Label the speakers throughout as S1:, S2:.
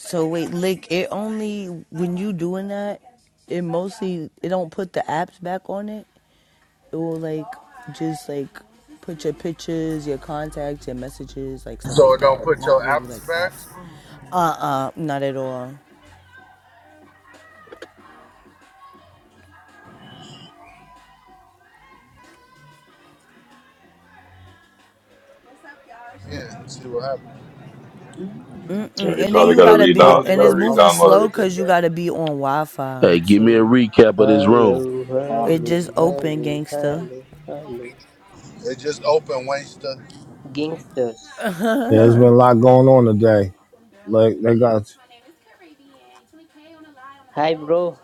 S1: So wait, lick it only when you doing that, it mostly it don't put the apps back on it. It will like just like put your pictures, your contacts, your messages, like stuff
S2: So
S1: like
S2: it don't
S1: that.
S2: put
S1: Not
S2: your
S1: really
S2: apples
S1: like
S2: back?
S1: apps. Uh uh not at all.
S2: Yeah, see what happens.
S1: Mm
S3: Yeah,
S1: mm.
S3: you
S1: And then
S3: probably
S1: you
S3: gotta
S1: gotta be
S4: Hi,
S3: redown. You
S1: and
S3: gotta
S1: it's
S4: bro. How
S1: moving
S3: re-download
S4: are you
S1: slow
S3: everything,
S4: doing?
S1: cause you
S3: man.
S1: gotta be on Wi Fi
S5: Hey, give me a
S1: too.
S5: recap of this room.
S4: Hello,
S5: Uh,
S1: It
S4: hello,
S1: just open
S4: hello,
S1: gangsta.
S4: hello, hello.
S2: It just opened, Wayster.
S4: Gangsters.
S6: Yeah, There's been a lot going on today. Like they got
S4: Hi, bro.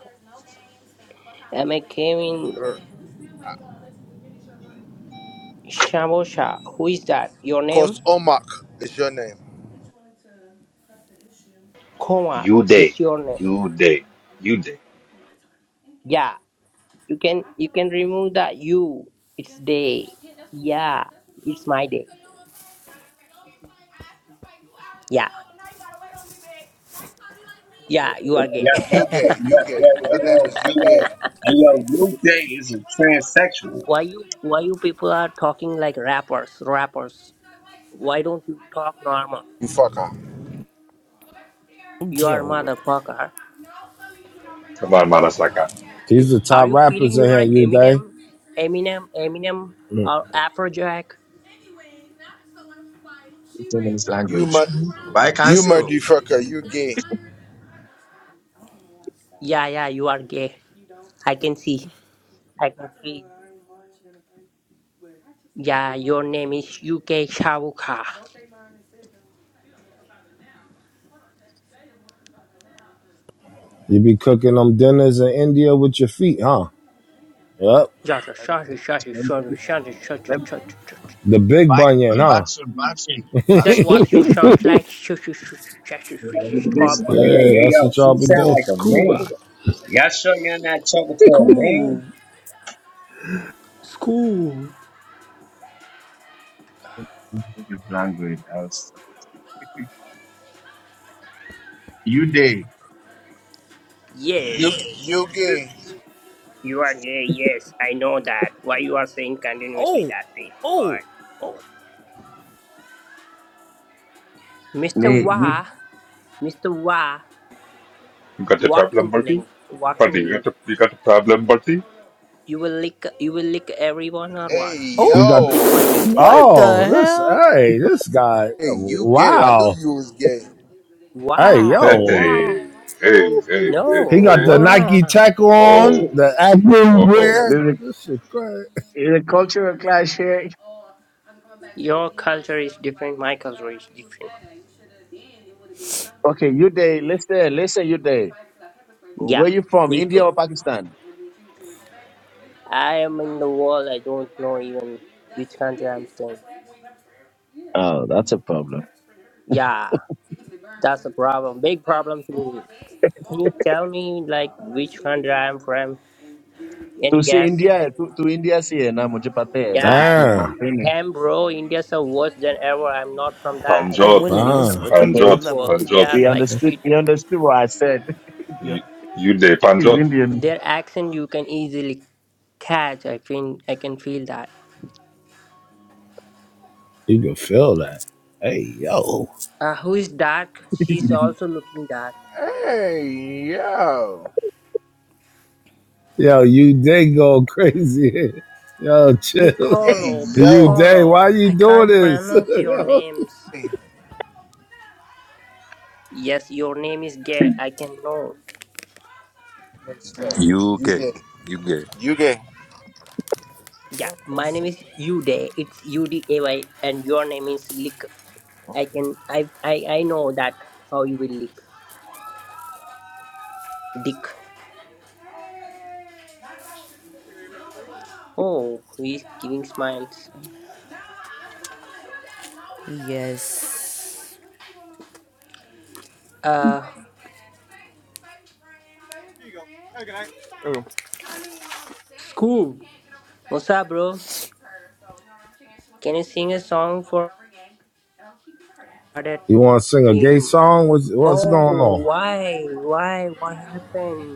S4: I'm a Kevin R- Shamosha. Who is that? Your
S2: Course
S4: name?
S2: Omak is your name.
S4: Kumar
S3: You day,
S4: is your name.
S3: you day, you day.
S4: Yeah, you can you can remove that you. It's day. Yeah, it's my day. Yeah, yeah, you
S7: Yeah,
S4: are gay.
S7: yeah,
S2: So you
S7: yeah,
S2: gay,
S7: yeah,
S2: you gay.
S7: yeah,
S2: Your name
S7: yo,
S2: is
S7: hey,
S2: you
S7: yo,
S2: gay.
S7: hey, yo, Luke Day is a transsexual.
S4: why you why you people are talking like rappers, rappers? Why don't you talk normal?
S2: You fucker.
S4: You are
S1: Yo.
S4: motherfucker.
S3: Come on, Manasaka.
S4: You,
S6: these are the
S4: are
S6: top
S4: you
S6: rappers
S4: feeling you
S6: they
S4: are
S6: had you day.
S4: Eminem, Eminem, Eminem, or Afrojack?
S8: speaking in his
S2: You
S8: language.
S2: mud
S8: Why
S2: you
S8: cancel?
S2: muddy fucker, you gay.
S4: Yeah, yeah, you are gay. I can see. I can feel. Yeah, your name is UK Shavuka.
S6: You be cooking them dinners in India with your feet, huh? Yep.
S4: Shushu,
S8: Let me,
S4: shushu, shushu,
S8: let me,
S4: shushu, shushu, shushu,
S8: let me,
S4: shushu, shushu.
S6: The big
S8: why,
S6: bunion,
S8: oh, back
S6: huh?
S8: soon, back soon,
S4: Is
S8: back
S4: that
S8: soon, why
S4: what you
S8: cancel?
S4: sound like? Shushu, shushu, shushu,
S7: You know,
S4: shushu,
S7: look at this, hey,
S4: Scuba.
S7: hey,
S6: Yeah,
S7: hey,
S6: that's
S7: yo,
S6: what y'all
S7: she
S6: be
S7: sound
S6: doing.
S7: like a
S4: Scuba.
S7: man. Y'all sure y'all not talking to a man?
S4: Cool. School.
S8: His language. I was, you day.
S2: You
S4: Yes.
S2: you gay.
S4: You are gay, yes. I know that. Why you are saying continuously
S1: Oh.
S4: that thing?
S1: Oh.
S4: Why?
S1: Oh.
S4: Mr.
S8: Nee, you.
S4: Wah. Mr. Wa,
S3: You got the problem,
S4: walking
S3: buddy?
S4: link, walking
S3: Buddy, you got
S4: link.
S3: the you got the problem, buddy?
S4: You will lick, you will lick everyone or
S2: Hey
S4: what?
S1: Oh.
S6: You got
S4: Lick
S2: yo.
S4: my dick then.
S1: What
S6: oh
S1: the
S6: this
S1: hell?
S6: hey this guy
S2: Hey, you gay. I knew
S6: wow
S2: you was gay.
S6: hey
S4: Wow,
S3: Hey,
S6: yo
S4: wow.
S3: hey, hey, hey,
S6: he got
S4: No,
S3: hey.
S6: the Nike
S4: wow.
S6: Tech on
S3: Oh,
S6: the Active
S3: oh, oh.
S6: wear.
S8: There's a,
S6: This shit great.
S8: there's a cultural clash here.
S4: Your culture is different. My culture is different.
S8: Okay, you day, listen, listen, you day.
S4: Yeah,
S8: Where you from,
S4: please,
S8: India
S4: bro.
S8: or Pakistan?
S4: I am in the world. I don't know even which country I'm staying.
S8: Oh, that's a problem.
S4: Yeah, that's a problem. Big problem to me. Can you tell me like which country I'm from? Any
S8: To see
S4: guess?
S8: India, to, to India see na mujhe pata hai, lekin
S4: Yeah,
S8: tu
S4: you
S6: Damn,
S8: mante nahi.
S4: damn bro, Indians are worse than ever. I'm not from that.
S1: I'm
S3: Panjot,
S1: winning
S4: Indians
S1: this
S4: are
S6: ah,
S4: worse
S1: motherfucking
S3: Panjot,
S1: level
S4: people. They
S3: Panjot.
S4: are
S8: He
S1: today.
S4: like
S8: understood.
S4: shit.
S8: He understood what I said. Yeah,
S3: You, you day,
S8: He's
S3: Panjot.
S8: Indian.
S4: Their accent you can easily catch. I think I can feel that.
S6: you can feel that. Hey yo.
S4: Uh, who is dark?
S8: they
S4: She's also looking dark.
S9: Hey, yo.
S6: Yo, you day go crazy. Yo, chill.
S2: Gay,
S4: Piccolo,
S6: You
S2: yo.
S6: day,
S4: Piccolo.
S6: why you
S4: I
S6: doing
S4: can't
S6: this?
S4: pronounce your names.
S2: Hey,
S4: Yes, your name is gay. I can know.
S2: gay stuff.
S3: You
S2: You
S3: gay.
S2: gay.
S3: You gay.
S2: You gay.
S4: Yeah,
S2: What the
S4: my name
S2: fuck?
S4: is Uday. It's U D A Y, and your name is Lick. I can I I I know that how you will lick. Dick. Oh, he's giving smiles.
S1: Yes.
S4: Uh,
S9: Ooh.
S4: Scoob, what's up, bro? Can you sing a song for her at
S6: you want to sing a gay
S4: him?
S6: song? What's, what's
S4: Oh,
S6: going on?
S4: why? Why? What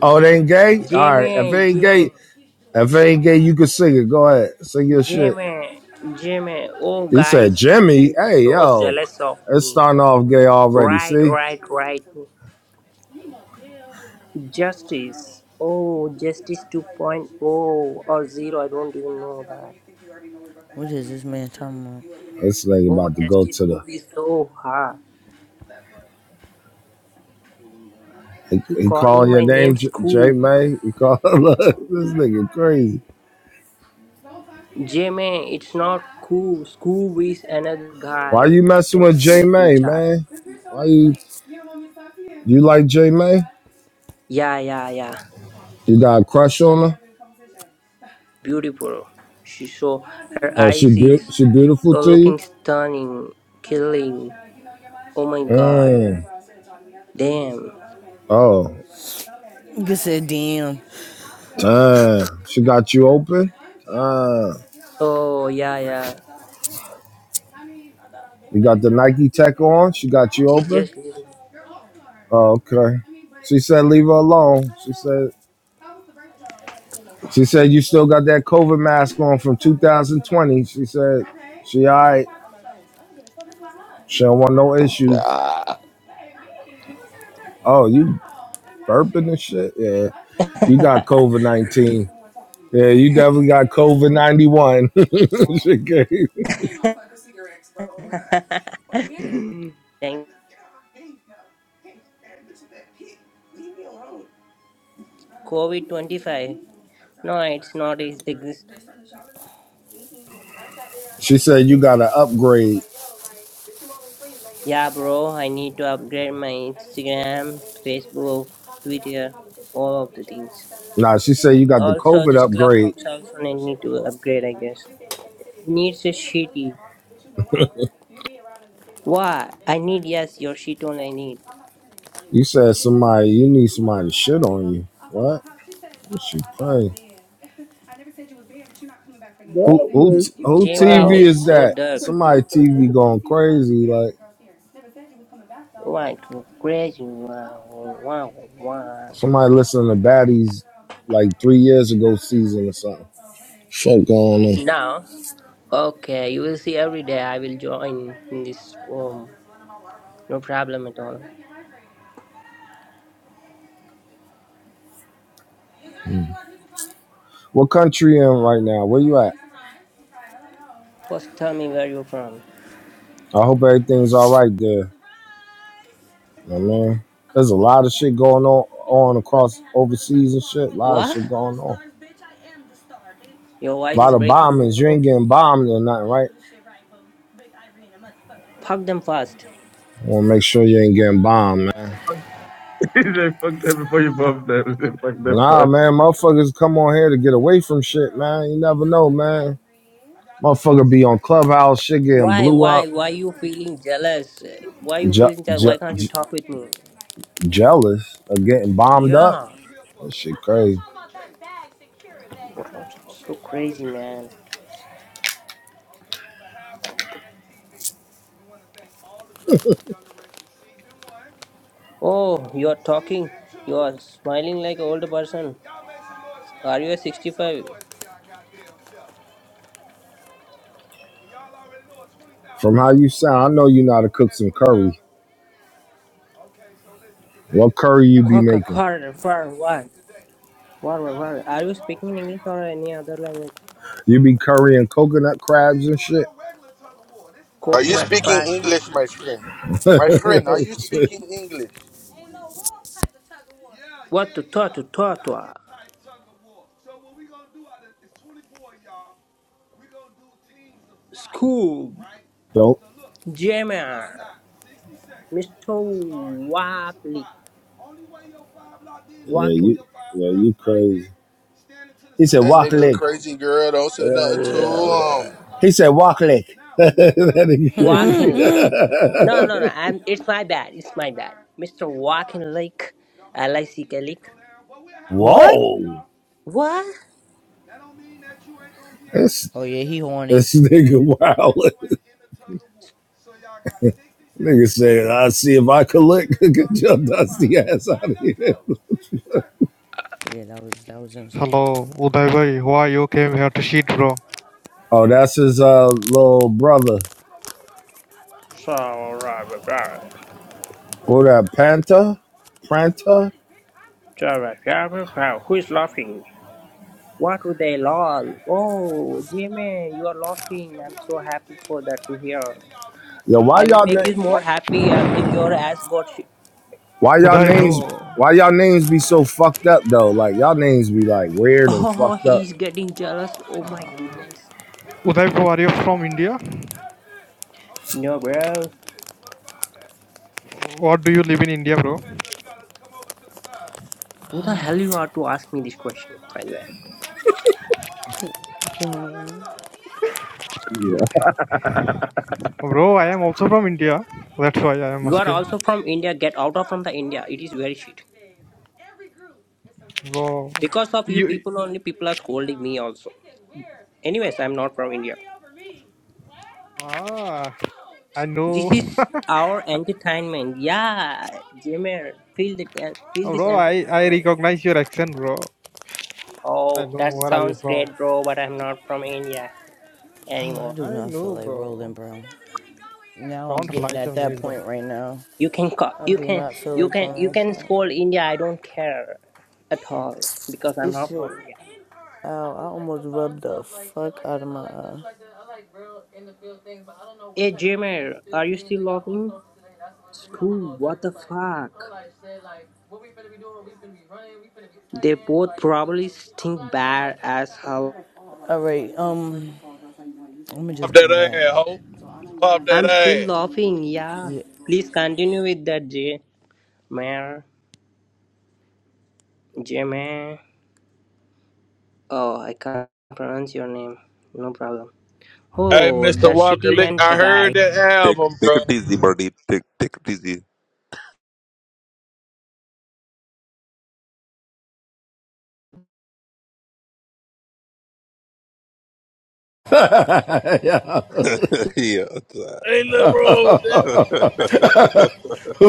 S6: Oh, it ain't gay? All right. If it
S4: Jamie,
S6: ain't
S4: Jamie,
S6: gay, if it
S4: she-
S6: ain't gay, you can sing it. Go ahead. Sing your shit.
S4: Jamie, Jamie. Oh,
S6: He said,
S4: guys, you
S6: Jimmy,
S4: feel
S6: hey,
S4: so
S6: yo,
S4: jealous of
S6: it's
S4: me.
S6: starting off gay already.
S4: Right,
S6: See?
S4: right, right. Justice. Oh, Justice 2.0 or 0, I don't even know that.
S1: What is this man talking
S6: This nigga
S4: Oh,
S1: about?
S6: about to go
S4: Justice
S6: to the.
S4: movie is so hard.
S6: He,
S4: He
S6: he
S4: calling
S6: calling your
S4: my name
S6: name, J, J
S4: Scoob.
S6: May? He call, look, this nigga crazy.
S4: Jimmy, it's not Scoob. Scoob is another
S6: Why
S4: guy.
S6: you
S4: You
S6: messing
S4: can
S6: with J
S4: see in
S6: May,
S4: chat.
S6: man? Why you, you like J May?
S4: Yeah, yeah, yeah.
S6: You got a crush on her?
S4: Beautiful. She so her
S6: Oh, she
S4: eyes
S6: be-
S4: is
S6: she beautiful
S4: so
S6: to you?
S4: looking stunning, killing. Oh my god.
S6: Mm.
S4: Damn.
S6: Oh,
S1: You said damn.
S6: damn. She got you open? Damn.
S4: Oh yeah, yeah.
S6: You got the Nike tech on? She got you
S4: She's
S6: open?
S4: just leaving.
S6: Oh, okay. She said leave her alone. She said she said you still got that COVID mask on from 2020. She said she all right. She don't want no issues. Oh, you burping and shit? Yeah. You got COVID 19. Yeah, you definitely got COVID 91.
S4: Thank COVID twenty five. No, it's not. It's biggest.
S6: She said you got to upgrade.
S4: Yeah, bro, I need to upgrade my Instagram, Facebook, Twitter, all of the things.
S6: Nah, she said you got the
S4: Also,
S6: COVID
S4: this
S6: upgrade.
S4: clubhouse also I need to upgrade, I guess. It needs a shitty. Why? I need, yes, your shit only I need.
S6: You said somebody you need somebody to shit on you. What? What she playing? Who
S10: That
S6: who
S10: was
S6: t- who
S4: Jamie
S6: TV
S10: wild.
S4: is
S6: is
S4: so
S6: that?
S4: dark.
S6: Somebody TV going crazy. Like
S4: What? Crazy. Wow, wow, wow.
S6: somebody listening to baddies like three years ago season or something. Fuck going on.
S4: Now, okay, you will see every day I will join in this room. No problem at all.
S6: Hmm. What country you in right now? Where you at?
S4: First, tell me where you're from.
S6: I hope everything's all right there, my man. There's a lot of shit going on on across overseas and shit. A lot of
S4: What?
S6: shit going on.
S4: Your
S6: A
S4: voice
S6: lot
S4: is
S6: of
S4: breaking,
S6: bombings. You
S4: bro.
S6: ain't getting bombed or nothing, right?
S4: fuck them first.
S6: I want to make sure you ain't getting bombed, man.
S8: fucked them before you bumped them. They fucked them
S6: Nah,
S8: first.
S6: man, motherfuckers come on here to get away from shit, man. You never know, man. Motherfucker be on clubhouse, shit getting
S4: Why,
S6: blew
S4: why,
S6: up,
S4: why you feeling jealous? Why you
S6: je-
S4: feeling jealous?
S6: je-
S4: Why can't you
S6: je-
S4: talk with me?
S6: jealous of getting bombed up.
S4: Yeah,
S6: That shit crazy.
S4: you're so crazy, man. Oh, you're talking. You are smiling like an older person. Are you a 65?
S6: From how you sound, I know you know how to cook some curry. What curry you be
S4: Coca
S6: making?
S4: Cola for what? What, what, what? Are you speaking English or any other language?
S6: You be currying coconut crabs and shit.
S2: Are you
S4: Coconut
S2: speaking
S4: cry.
S2: English, my friend? My
S6: you
S2: friend, are
S6: know,
S2: you
S6: shit.
S2: speaking English?
S4: What to talk to talk to? School.
S6: Don't.
S4: Jammer. Mr. Walkley.
S6: Yeah,
S4: Walking.
S6: you. Yeah, you crazy. He said,
S2: That
S6: "Walk
S2: nigga
S6: leg."
S2: crazy girl don't say nothing to him.
S6: He said, walk lick. that nigga crazy.
S4: Walking Lake. No, no, no. I'm. It's my bad. It's my bad. Mr. Walking Lake. I like Sika Lake.
S1: What?
S6: Whoa.
S4: What?
S6: that's
S1: Oh yeah, he horny.
S6: this nigga wild. nigga said, I see if I could lick. Get your dusty ass out of here.
S1: Yeah, that was that was insane.
S11: Hello, Uday bhai. Why you came here to shit, bro?
S6: Oh, that's his uh, little brother.
S4: So, right, but right.
S6: Who that? Panta? Pranta?
S4: So, right, yeah, but right. Who is laughing? What would they lol? Oh, Jimmy, you are laughing. I'm so happy for that to hear.
S6: Yo, why
S4: I will
S6: y'all
S4: make
S6: name?
S4: you
S6: Why,
S4: more happy until your ass got shit.
S6: y'all
S11: Uday
S6: names?
S11: bro,
S6: Why y'all names be so fucked up though? Like y'all names be like weird and
S4: Oh,
S6: fucked up.
S4: he's getting jealous. Oh my goodness.
S11: Uday bro, are you from India?
S4: No, bro.
S11: What do you live in India, bro?
S4: Who the hell you are to ask me this question, by the way?
S1: Oh,
S8: Yeah.
S11: Bro, I am also from India. That's why I am
S4: You are
S11: asking.
S4: also from India. Get out of from the India. It is very shit.
S11: Bro,
S4: Because of you
S11: you
S4: people only, people are scolding me also. Anyways, I'm not from India.
S11: ah, I know,
S4: This is our entertainment. Yeah, Jamer, feel the feel this
S11: bro. I I
S4: entertainment.
S11: recognize your accent, bro. I
S4: Oh,
S11: know
S4: that
S11: where are you
S4: sounds
S11: from.
S4: great, bro. But I'm not from India
S1: I
S4: anymore.
S1: do
S11: I
S1: not feel
S11: know,
S1: like
S11: bro.
S1: rolling, bro. Now I'm
S11: Don't
S1: getting
S11: lie
S1: at
S11: to me,
S1: that
S11: bro.
S1: point right now.
S4: You can co-
S1: I
S4: you
S1: do
S4: can
S1: not feel
S4: you
S1: like
S4: can you
S1: doing this.
S4: can scold India. I don't care at all because I'm
S1: This
S4: not from
S1: shit
S4: India.
S1: Ow, I
S4: Hey, Jamer, are you still loving? School, what the fuck? They both probably stink bad as hell.
S1: right, um,
S12: Pop that ass, ho. Pop that
S4: I'm still
S12: ass.
S4: laughing, yeah. Please continue with that, J. Mayor. J. Mayor. Oh, I can't pronounce your name. No problem.
S12: Hey,
S4: Oh,
S12: Mr.
S4: that
S12: Walker,
S4: shitty
S12: lick.
S4: Venn
S12: I
S4: guy.
S12: heard that album, bro.
S6: Yeah.
S12: Ain't
S6: Who
S12: nothing wrong with that.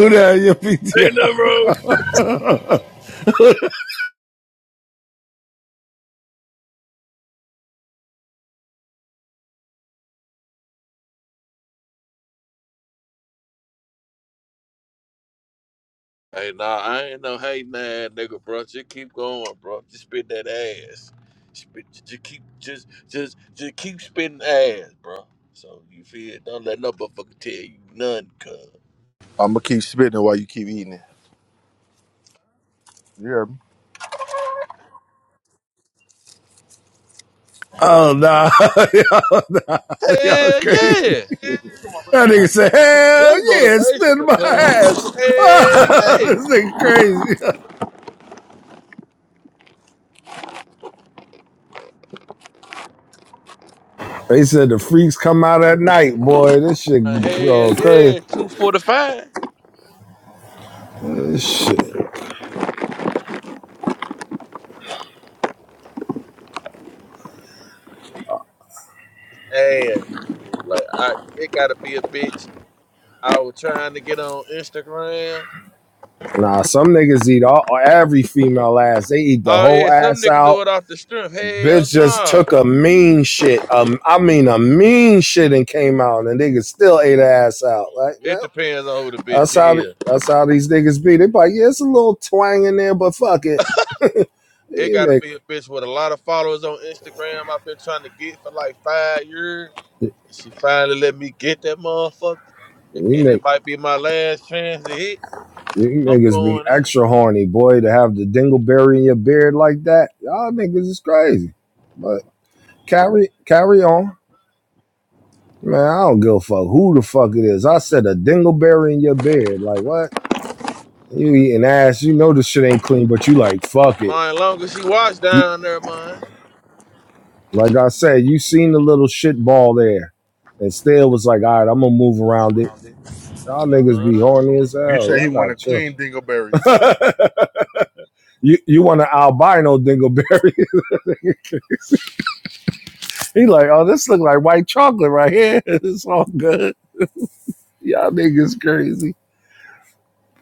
S6: that? hell your
S12: Ain't
S6: PTR?
S12: nothing wrong. with- Hey, nah, I ain't no hating ass nigga, bro. Just keep going, bro. Just spit that ass. Spit, just keep, just, just, just keep spitting ass, bro. So you feel? Don't let no motherfucker tell you none, cuz.
S2: I'ma keep spitting while you keep eating it. You hear me? Chill
S6: Oh
S2: out.
S6: nah, y'all, nah, y'all
S12: Hell
S6: crazy.
S12: yeah,
S6: That nigga said,
S12: that's
S6: "Hell yeah, spin
S12: motivational,
S6: my
S12: cuz.
S6: ass."
S12: Hell
S6: Oh,
S12: yeah,
S6: this nigga crazy. They said the freaks come out at night, boy. This
S12: Uh,
S6: shit
S12: hell
S6: go crazy.
S12: yeah. Two forty five.
S6: This shit.
S12: ass food. Like I, it gotta be a bitch. I was trying to get on Instagram.
S6: Nah, some niggas eat all every female ass. They eat the
S12: Oh
S6: whole
S12: yeah, some
S6: ass
S12: nigga do
S6: out.
S12: it off the strip. Hell
S6: Bitch just
S12: no.
S6: took a mean shit. Um, I mean a mean shit and came out, and niggas still ate her ass out. Like
S12: It depends on who the bitch
S6: That's how th-
S12: is.
S6: that's how these niggas be. They be like, yeah, it's a little twang in there, but fuck it.
S12: It
S6: You
S12: gotta be
S6: niggas,
S12: a bitch with a lot of followers on Instagram. I've been trying to get for like five years, and she finally let me get that motherfucker.
S6: you
S12: And
S6: nigg
S12: it might be my last chance to hit.
S6: you
S12: I'm
S6: niggas be
S12: going in.
S6: extra horny, boy, to have the dingleberry in your beard like that. Y'all niggas is crazy. But carry carry on. Man, I don't give a fuck who the fuck it is. I said a dingleberry in your beard. Like what? You eating ass. You know this shit ain't clean, but you like fuck it.
S12: Mine longer she watch
S6: You
S12: down there, mine.
S6: like I said, you seen the little shit ball there. And still was like, all right, I'm gonna move around it Y'all niggas be
S12: Uh,
S6: horny as
S2: You
S6: hell.
S2: say he
S6: Y'all
S2: want a
S6: got chill.
S2: clean dingleberry.
S6: you you want an albino dingleberry? he like, oh, this look like white chocolate right here. it's all good. Y'all niggas crazy,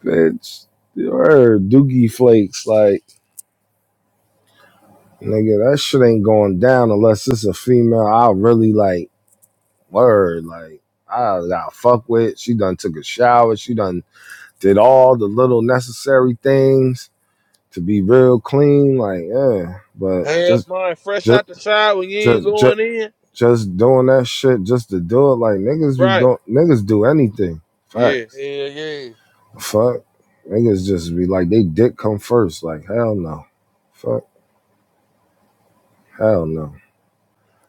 S6: bitch. You heard Doogie Flakes, like nigga, that shit ain't going down unless it's a female. I really like word, like I got fuck with. She done took a shower. She done did all the little necessary things to be real clean. Like, yeah, but
S12: had
S6: just.
S12: mine fresh
S6: Just,
S12: out the side when you ain't
S6: Just just
S12: going in.
S6: just doing that shit just to do it. Like niggas be
S12: Right.
S6: don't niggas do anything.
S12: Yeah,
S6: Facts.
S12: yeah, yeah.
S6: Fuck. Niggas just be like they dick come first. Like hell no. Fuck. Hell no.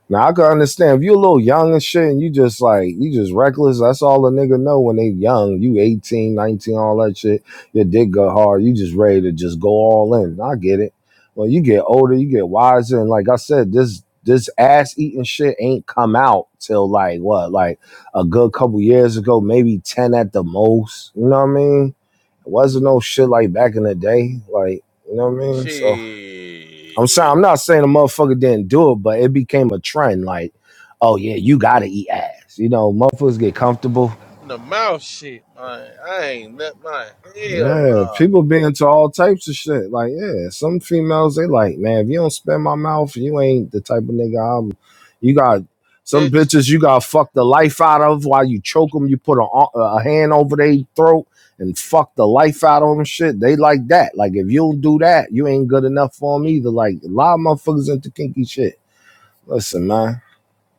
S6: Now I can understand if you're a little young and shit and you just like you just reckless, that's all a nigga know when they young. You 18, 19, all that shit. Your dick go hard. You just ready to just go all in. I get it. When you get older, you get wiser, and like I said, this this ass eating shit ain't come out till like what, like a good couple years ago, maybe ten at the most. You know what I mean? It wasn't no shit like back in the day. Like, you know what I mean? So I'm sorry,
S12: Shit.
S6: I'm not saying a motherfucker didn't do it, but it became a trend. Like, oh yeah, you gotta eat ass. You know, motherfuckers get comfortable.
S12: In the mouth shit, man. I ain't let my hell
S6: Yeah,
S12: nah.
S6: people be into all types of shit. Like, yeah, some females they like, man, if you don't spin my mouth, you ain't the type of nigga I'm. You got some
S12: Bitch,
S6: bitches you got to fuck the life out of while you choke them. You put a, a hand over their throat and fuck the life out of them. Shit, they like that. Like, if you don't do that, you ain't good enough for them either. Like, a lot of motherfuckers into kinky shit. Listen, man.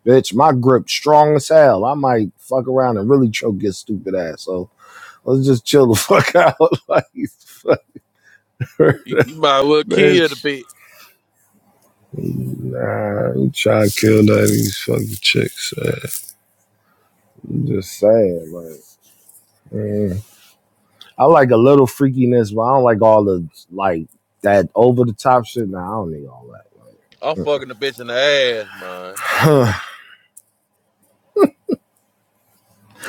S6: Bitch, my grip strong as hell. I might fuck around and really choke your stupid ass. So let's just chill the fuck out. like, fuck her,
S12: you, you might well kill the
S6: bitch.
S12: bitch.
S6: Nah, you try to kill that these fucking chicks. man. I'm just saying, like, mm. I like a little freakiness, but I don't like all the like that over the top shit. Nah, I don't need all
S12: I'm fucking the bitch in the ass, man.
S6: that.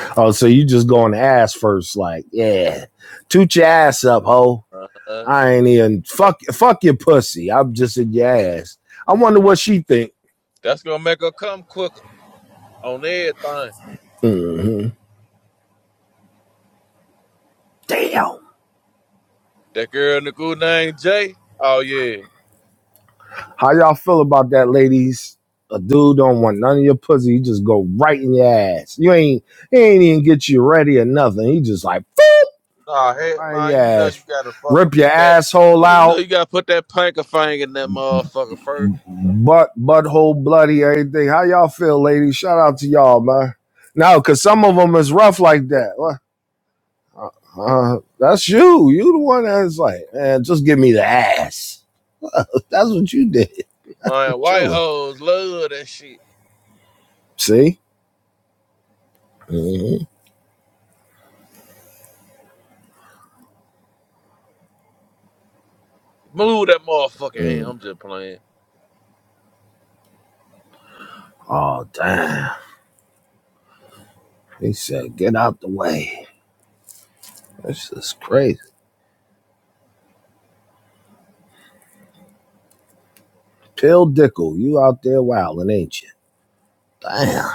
S6: oh, so you just going ass first, like, yeah, toot your ass up, ho.
S12: Uh-huh.
S6: I ain't even fuck fuck your pussy. I'm just in your ass. I wonder what she think.
S12: That's gonna make her come quicker on everything.
S6: hmm Damn.
S12: That girl in the good name Jay. Oh yeah.
S6: How y'all feel about that, ladies? A dude don't want none of your pussy. He just go right in your ass. You ain't he ain't even get you ready or nothing. He just like
S12: Nah, heck,
S6: right in your
S12: man, you know you
S6: ass.
S12: gotta fucking
S6: Rip your
S12: put that
S6: asshole
S12: man, you know
S6: out,
S12: you gotta put that pinky finger in that motherfucker first.
S6: butt butthole bloody, everything. How y'all feel, ladies? Shout out to y'all, man. No, cause some of them is rough like that. What? Uh, that's you. You the one that's like, man, just give me the ass. That's what you did.
S12: Man, white
S6: Chilla.
S12: hoes love that shit.
S6: See? Mm-hmm.
S12: Move that motherfucking hand.
S6: Mm.
S12: I'm just playing.
S6: Oh, damn. He said, get out the way. This is crazy. Pill Dickle, you out there wilding, ain't you? Damn.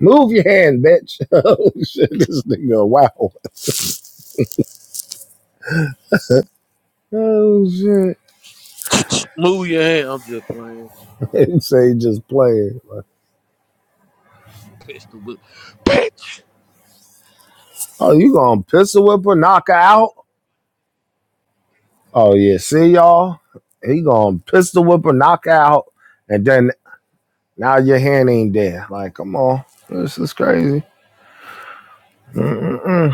S6: Move your hand, bitch. oh, shit. This nigga, wow. Oh, shit.
S12: Move your hand. I'm just playing.
S6: He say he just playing.
S12: Pistol whip. Bitch!
S6: Oh, you gonna pistol whip her, knock her out? Oh, yeah. See, y'all? He gonna pistol whip her, knock her out. and then Now your hand ain't there. Like, come on. This is crazy. Mm-mm-mm.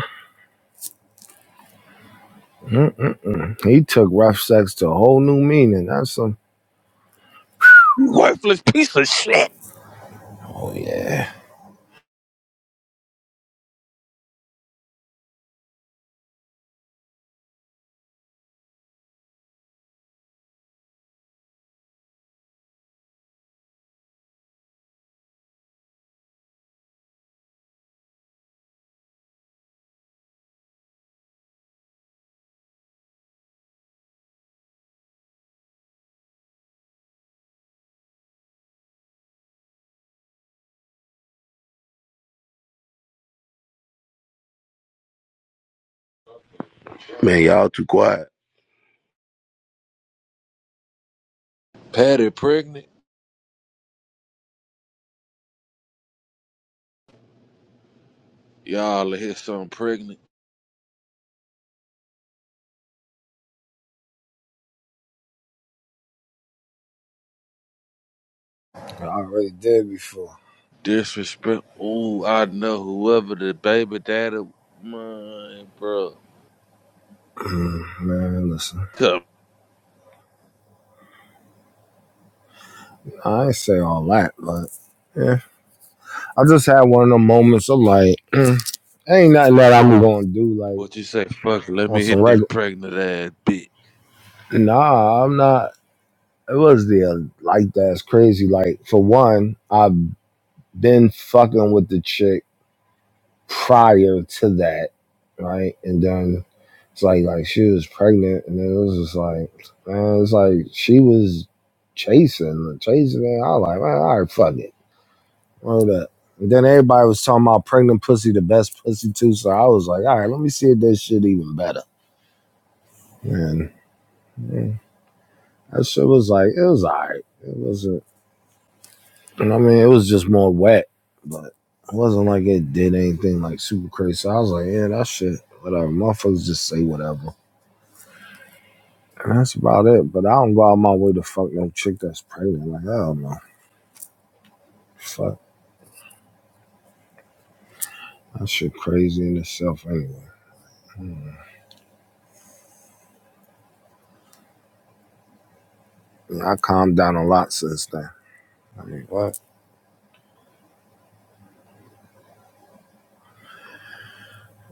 S6: Mm-mm-mm. He took rough sex to a whole new meaning. That's some.
S12: You worthless piece of shit!
S6: Oh, yeah.
S5: Man, y'all too quiet.
S12: Patty pregnant? Y'all hear something pregnant?
S6: I already did before.
S12: Disrespect. Ooh, I know whoever the baby daddy. Man, bro.
S6: Man, listen.
S12: Come.
S6: I ain't say all that, but yeah. I just had one of them moments of like, ain't nothing that I'm going to do, like,
S12: What you say? Fuck, let
S6: on
S12: me
S6: some
S12: hit this
S6: regular.
S12: pregnant ass bitch.
S6: Nah, I'm not. It was the uh, like that's crazy. Like for one, I've been fucking with the chick prior to that, right? And then it's like like she was pregnant, and then it was just like man, it's like she was chasing, chasing, and I was like, man, all right, fuck it, word up. And then everybody was talking about pregnant pussy, the best pussy too. So I was like, all right, let me see if this shit even better. Man, man, that shit was like it was all right. It wasn't. I mean, it was just more wet, but it wasn't like it did anything like super crazy. So I was like, yeah, that shit, whatever. Motherfuckers just say whatever. And that's about it. But I don't go out my way to fuck no chick that's pregnant. Like, I don't know. Fuck. That shit crazy in itself anyway. And I calmed down a lot since then. I mean, what?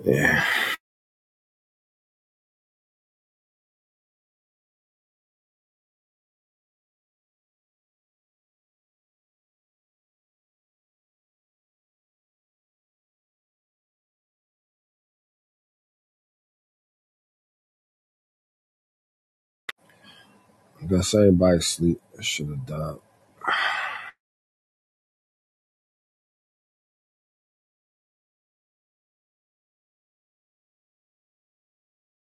S6: Yeah. I guess everybody sleep. I should have died.